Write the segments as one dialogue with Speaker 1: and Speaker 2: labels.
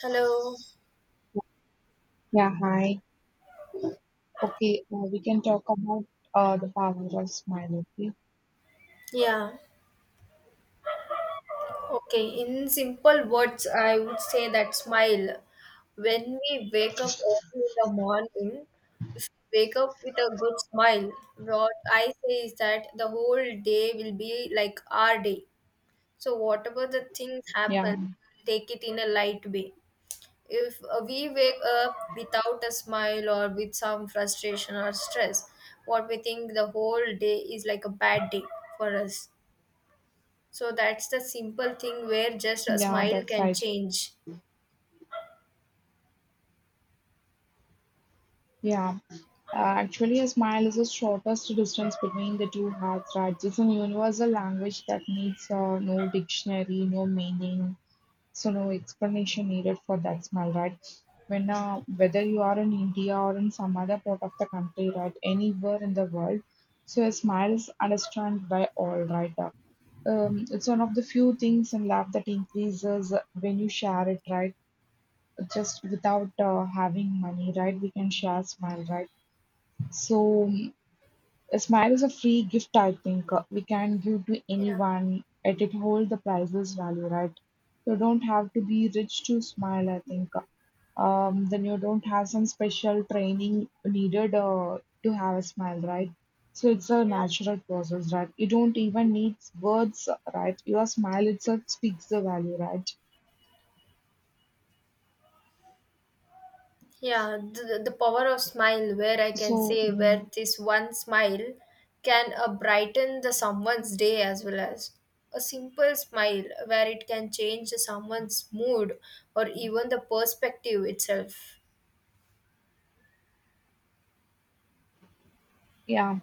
Speaker 1: Hello.
Speaker 2: Yeah, hi. Okay, we can talk about the power of smile, okay?
Speaker 1: Yeah. Okay. In simple words, I would say that smile. When we wake up early in the morning, if we wake up with a good smile, what I say is that the whole day will be like our day. So whatever the things
Speaker 2: Yeah,
Speaker 1: happen, take it in a light way. If we wake up without a smile or with some frustration or stress, what we think the whole day is like a bad day for us. So that's the simple thing where just a
Speaker 2: yeah,
Speaker 1: smile
Speaker 2: that's
Speaker 1: can
Speaker 2: right.
Speaker 1: change.
Speaker 2: Yeah, actually, a smile is the shortest distance between the two hearts, right? It's a universal language that needs no dictionary, no meaning, so no explanation needed for that smile, right? When whether you are in India or in some other part of the country, right? Anywhere in the world, so a smile is understood by all, right? It's one of the few things in life that increases when you share it, right? Just without having money, right? We can share smile, right? So a smile is a free gift, I think we can give to
Speaker 1: Yeah.
Speaker 2: anyone, and it hold the priceless value, right? You don't have to be rich to smile, I think. Then you don't have some special training needed to have a smile, right? So it's a
Speaker 1: Yeah.
Speaker 2: natural process, right? You don't even need words, right? Your smile itself speaks the value, right?
Speaker 1: Yeah, the power of smile, where I can
Speaker 2: So,
Speaker 1: say where this one smile can brighten the someone's day, as well as a simple smile where it can change someone's mood or even the perspective itself.
Speaker 2: Yeah.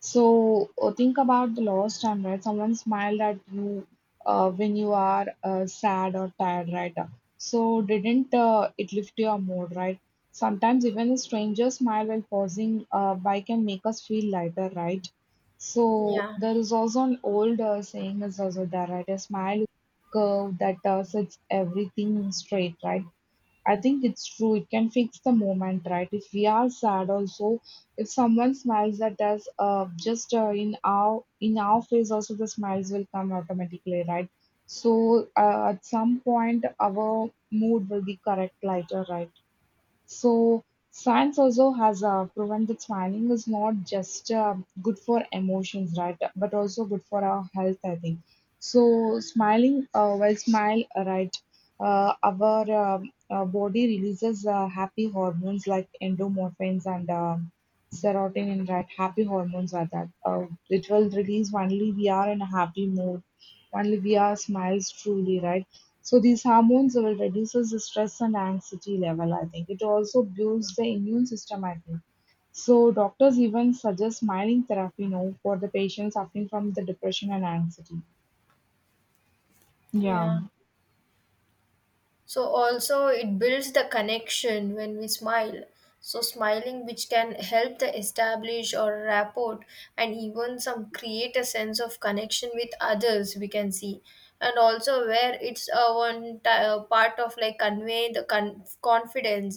Speaker 2: So think about the lost time, right? Someone smiled at you when you are sad or tired, right? So didn't it lift your mood, right? Sometimes even a stranger smile while pausing by can make us feel lighter, right? So
Speaker 1: Yeah,
Speaker 2: there is also an old saying is also there, right? A smile curve that sets everything straight, right? I think it's true. It can fix the moment, right? If we are sad, also, if someone smiles at us, just in our face, also the smiles will come automatically, right? So at some point, our mood will be correct lighter, right? So science also has proven that smiling is not just good for emotions, right? But also good for our health, I think. So smiling, while smile, right, our body releases happy hormones like endorphins and serotonin, right? Happy hormones are that. It will release only we are in a happy mood. Only we are smiles truly, right? So these hormones will reduces the stress and anxiety level, I think. It also builds the immune system, I think. So doctors even suggest smiling therapy now for the patients suffering from the depression and anxiety.
Speaker 1: yeah.
Speaker 2: Yeah.
Speaker 1: So also it builds the connection when we smile. So smiling which can help the establish or rapport, and even some create a sense of connection with others we can see. And also where it's a part of like convey the confidence.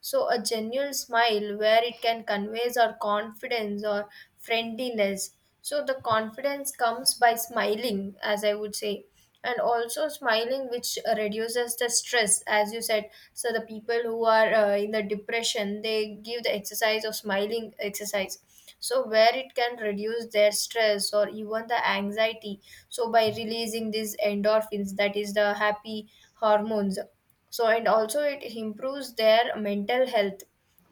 Speaker 1: So a genuine smile where it can conveys our confidence or friendliness. So the confidence comes by smiling, as I would say. And also smiling which reduces the stress as you said, so the people who are in the depression, they give the exercise of smiling exercise. So where it can reduce their stress or even the anxiety, so by releasing these endorphins, that is the happy hormones. So and also it improves their mental health,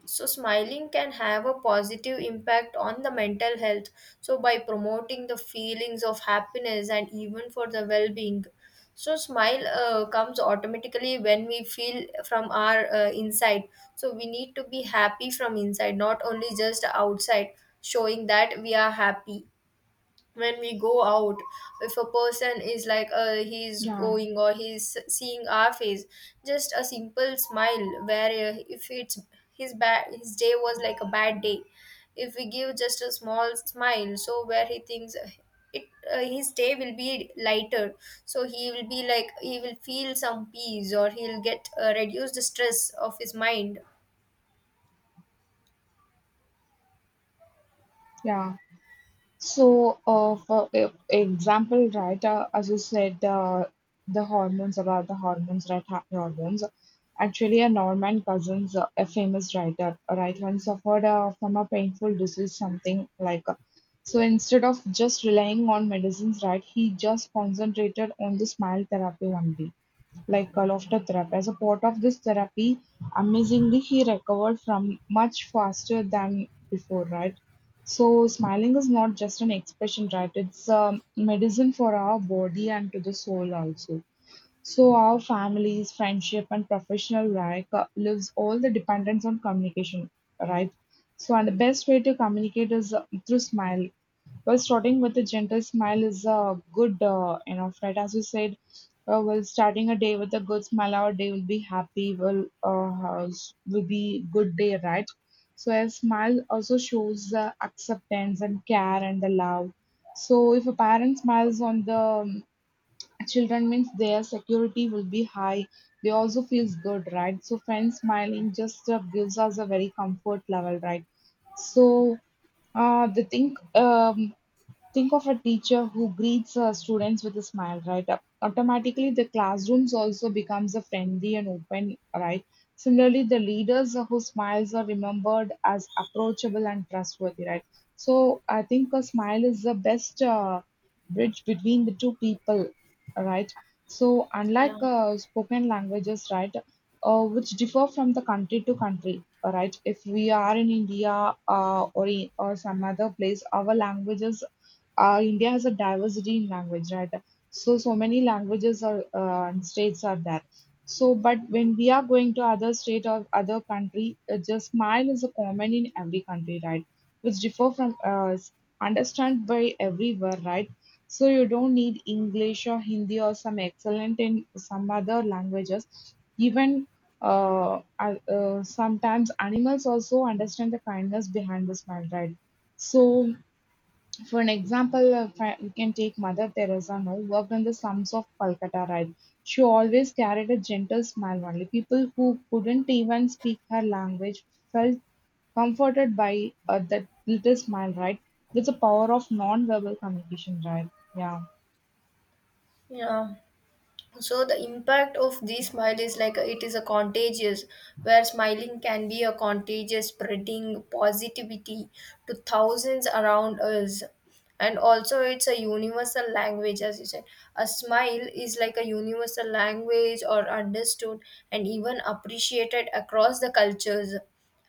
Speaker 1: so smiling can have a positive impact on the mental health, so by promoting the feelings of happiness and even for the well-being. So smile comes automatically when we feel from our inside. So we need to be happy from inside, not only just outside showing that we are happy. When we go out, if a person is like he's
Speaker 2: Yeah.
Speaker 1: going or he's seeing our face, just a simple smile where if it's his bad, his day was like a bad day, if we give just a small smile, so where he thinks it, his day will be lighter. So he will be like, he will feel some peace, or he'll get reduce the stress of his mind.
Speaker 2: Yeah. So, for example, as you said, the hormones about the hormones, hormones. Actually, a Norman Cousins, a famous writer, right, once suffered from a painful disease, something like. So instead of just relying on medicines, right, he just concentrated on the smile therapy only, like laughter therapy. As a part of this therapy, amazingly, he recovered from much faster than before, right? So, smiling is not just an expression, right? It's a medicine for our body and to the soul also. So our families, friendship, and professional life lives all the dependence on communication, right? So and the best way to communicate is through smile. Well, starting with a gentle smile is a good enough, right? As you said, well, starting a day with a good smile, our day will be happy. Will will be good day, right? So a smile also shows the acceptance and care and the love. So if a parent smiles on the children means their security will be high, they also feels good, right? So friends smiling just gives us a very comfort level, right? So they think think of a teacher who greets her students with a smile, right? Automatically, the classrooms also becomes a friendly and open, right? Similarly, the leaders who smiles are remembered as approachable and trustworthy, right? So I think a smile is the best bridge between the two people, right? So
Speaker 1: Yeah,
Speaker 2: unlike spoken languages, right, which differ from the country to country, right? If we are in India or some other place, our languages, India has a diversity in language, right? So, so many languages are and states are there. So, but when we are going to other state or other country, just smile is a common in every country, right? Which differ from understand by everywhere, right? So you don't need English or Hindi or some excellent in some other languages. Even sometimes animals also understand the kindness behind the smile, right? So for an example, we can take Mother Teresa now, worked in the slums of Calcutta, right? She always carried a gentle smile only. People who couldn't even speak her language felt comforted by that little smile, right? That's the power of non-verbal communication, right? Yeah,
Speaker 1: yeah. So the impact of this smile is like, it is a contagious where smiling can be a contagious, spreading positivity to thousands around us. And also it's a universal language, as you said. A smile is like a universal language or understood and even appreciated across the cultures.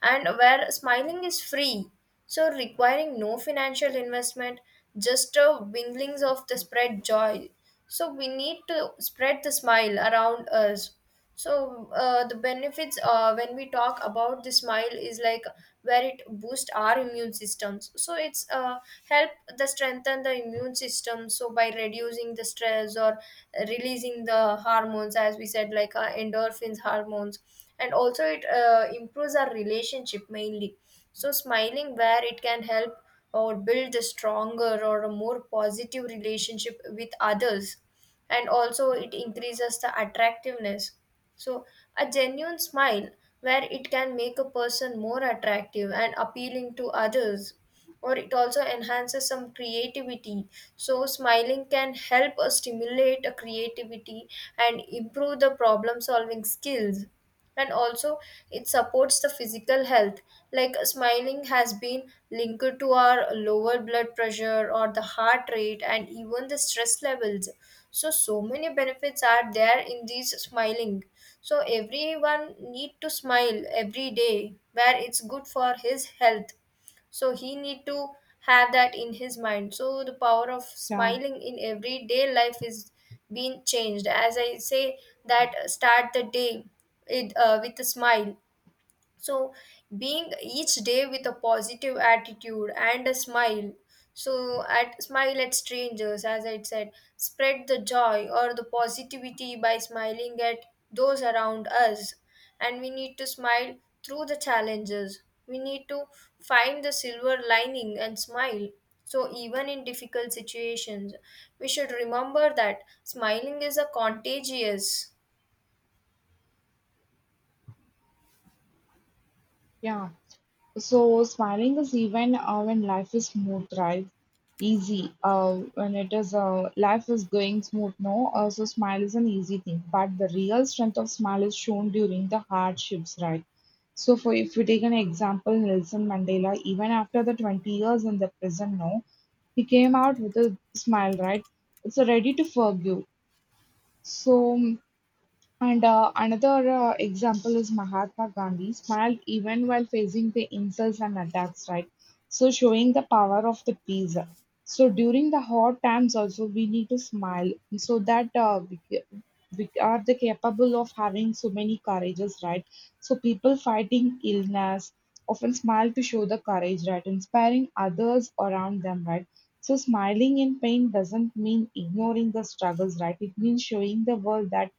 Speaker 1: And where smiling is free, so requiring no financial investment, just a winglings of the spread joy. So we need to spread the smile around us. So the benefits when we talk about the smile is like, where it boosts our immune systems, so it's help the strengthen the immune system, so by reducing the stress or releasing the hormones as we said, like endorphins hormones. And also it improves our relationship mainly. So smiling where it can help or build a stronger or a more positive relationship with others. And also it increases the attractiveness, so a genuine smile where it can make a person more attractive and appealing to others. Or it also enhances some creativity, so smiling can help us stimulate a creativity and improve the problem solving skills. And also it supports the physical health, like smiling has been linked to our lower blood pressure or the heart rate and even the stress levels. So so many benefits are there in these smiling. So everyone need to smile every day where it's good for his health, so he need to have that in his mind. So the power of
Speaker 2: yeah,
Speaker 1: smiling in everyday life is being changed, as I say that start the day, with a smile. So being each day with a positive attitude and a smile, so at smile at strangers, as I said. Spread the joy or the positivity by smiling at those around us. And we need to smile through the challenges. We need to find the silver lining and smile, so even in difficult situations we should remember that smiling is a contagious.
Speaker 2: yeah. So smiling is even when life is smooth, right? Easy. When it is life is going smooth, no. So smile is an easy thing. But the real strength of smile is shown during the hardships, right? So for if we take an example, Nelson Mandela, even after the 20 years in the prison, no, he came out with a smile, right? It's a ready to forgive. So and another example is Mahatma Gandhi smiled even while facing the insults and attacks, right? So showing the power of the peace. So during the hard times also we need to smile so that we are the capable of having so many courages, right? So people fighting illness often smile to show the courage, right? Inspiring others around them, right? So smiling in pain doesn't mean ignoring the struggles, right? It means showing the world that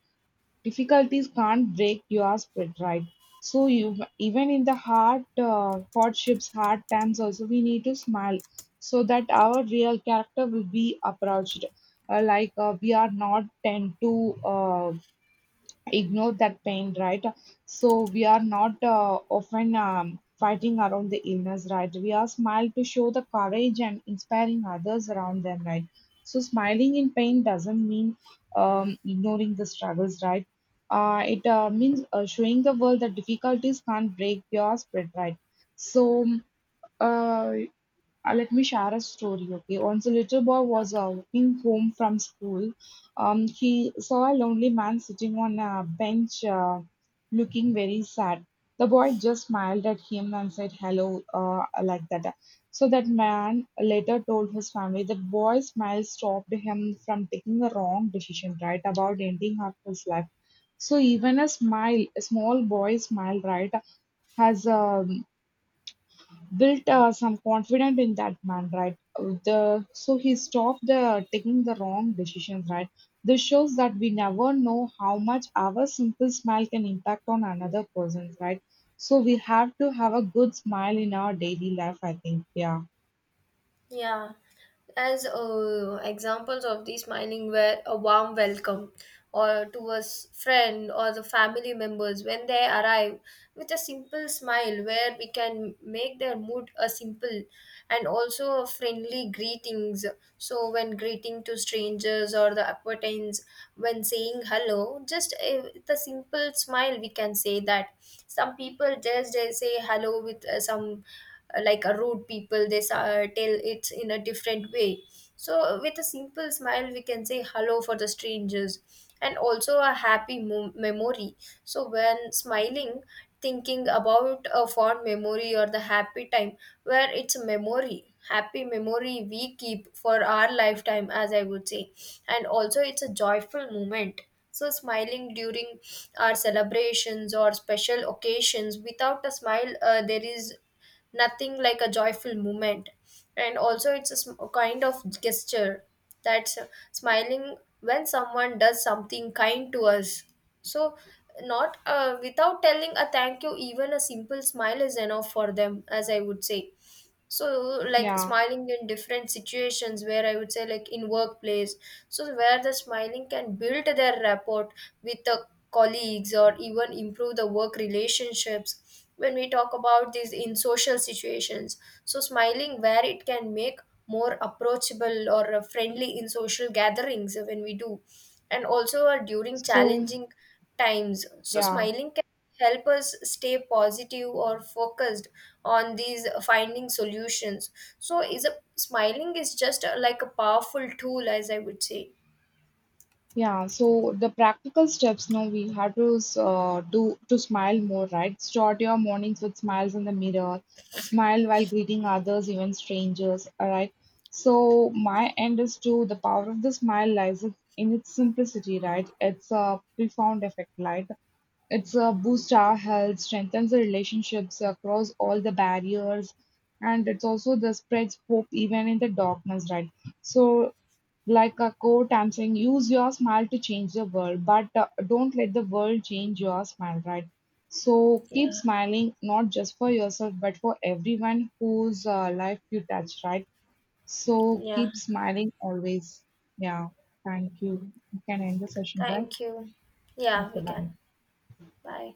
Speaker 2: difficulties can't break your spirit, right? So you even in the hardships, hard times also we need to smile so that our real character will be approached. We are not tend to uh, ignore that pain, right? So we are not often fighting around the illness, right? We are smile to show the courage and inspiring others around them, right? So smiling in pain doesn't mean ignoring the struggles, right? It means showing the world that difficulties can't break your spirit, right? So uh, let me share a story, okay? Once a little boy was walking home from school. He saw a lonely man sitting on a bench, looking very sad. The boy just smiled at him and said hello, uh, like that. So that man later told his family the boy's smile stopped him from taking a wrong decision, right? About ending up his life. So even a smile, a small boy's smile, right, has built some confidence in that man, right? The so he stopped the taking the wrong decisions, right? This shows that we never know how much our simple smile can impact on another person, right? So we have to have a good smile in our daily life, I think. Yeah,
Speaker 1: Yeah, as examples of these mining were a warm welcome or to a friend or the family members when they arrive, with a simple smile where we can make their mood a simple. And also a friendly greetings, so when greeting to strangers or the acquaintance, when saying hello just with a simple smile we can say that. Some people just they say hello with some like a rude people, they tell it in a different way. So with a simple smile we can say hello for the strangers. And also a happy memory, so when smiling, thinking about a fond memory or the happy time, where it's a memory, happy memory we keep for our lifetime, as I would say. And also it's a joyful moment, so smiling during our celebrations or special occasions, without a smile there is nothing like a joyful moment. And also it's a kind of gesture, that's smiling when someone does something kind to us. So not without telling a thank you, even a simple smile is enough for them, as I would say. So like
Speaker 2: yeah.
Speaker 1: smiling in different situations, where I would say like in workplace, so where the smiling can build their rapport with the colleagues or even improve the work relationships. When we talk about these in social situations, so smiling where it can make more approachable or friendly in social gatherings when we do. And also during
Speaker 2: So
Speaker 1: challenging times, so
Speaker 2: yeah.
Speaker 1: smiling can help us stay positive or focused on these finding solutions. So is a smiling is just a, like a powerful tool, as I would say.
Speaker 2: Yeah, So the practical steps, no, we have to do to smile more, right? Start your mornings with smiles in the mirror, smile while greeting others, even strangers, all right? So my end is to the power of the smile lies in its simplicity, right? It's a profound effect, right? It's a boost our health, strengthens the relationships across all the barriers, and it's also the spreads hope even in the darkness, right? So like a quote I'm saying, use your smile to change the world, but don't let the world change your smile, right? So keep
Speaker 1: Yeah.
Speaker 2: smiling, not just for yourself, but for everyone whose life you touch, right? So
Speaker 1: Yeah,
Speaker 2: keep smiling always. Yeah, thank you. You can end the session, right?
Speaker 1: thank you. Yeah, we
Speaker 2: Okay,
Speaker 1: can.
Speaker 2: bye.
Speaker 1: Bye.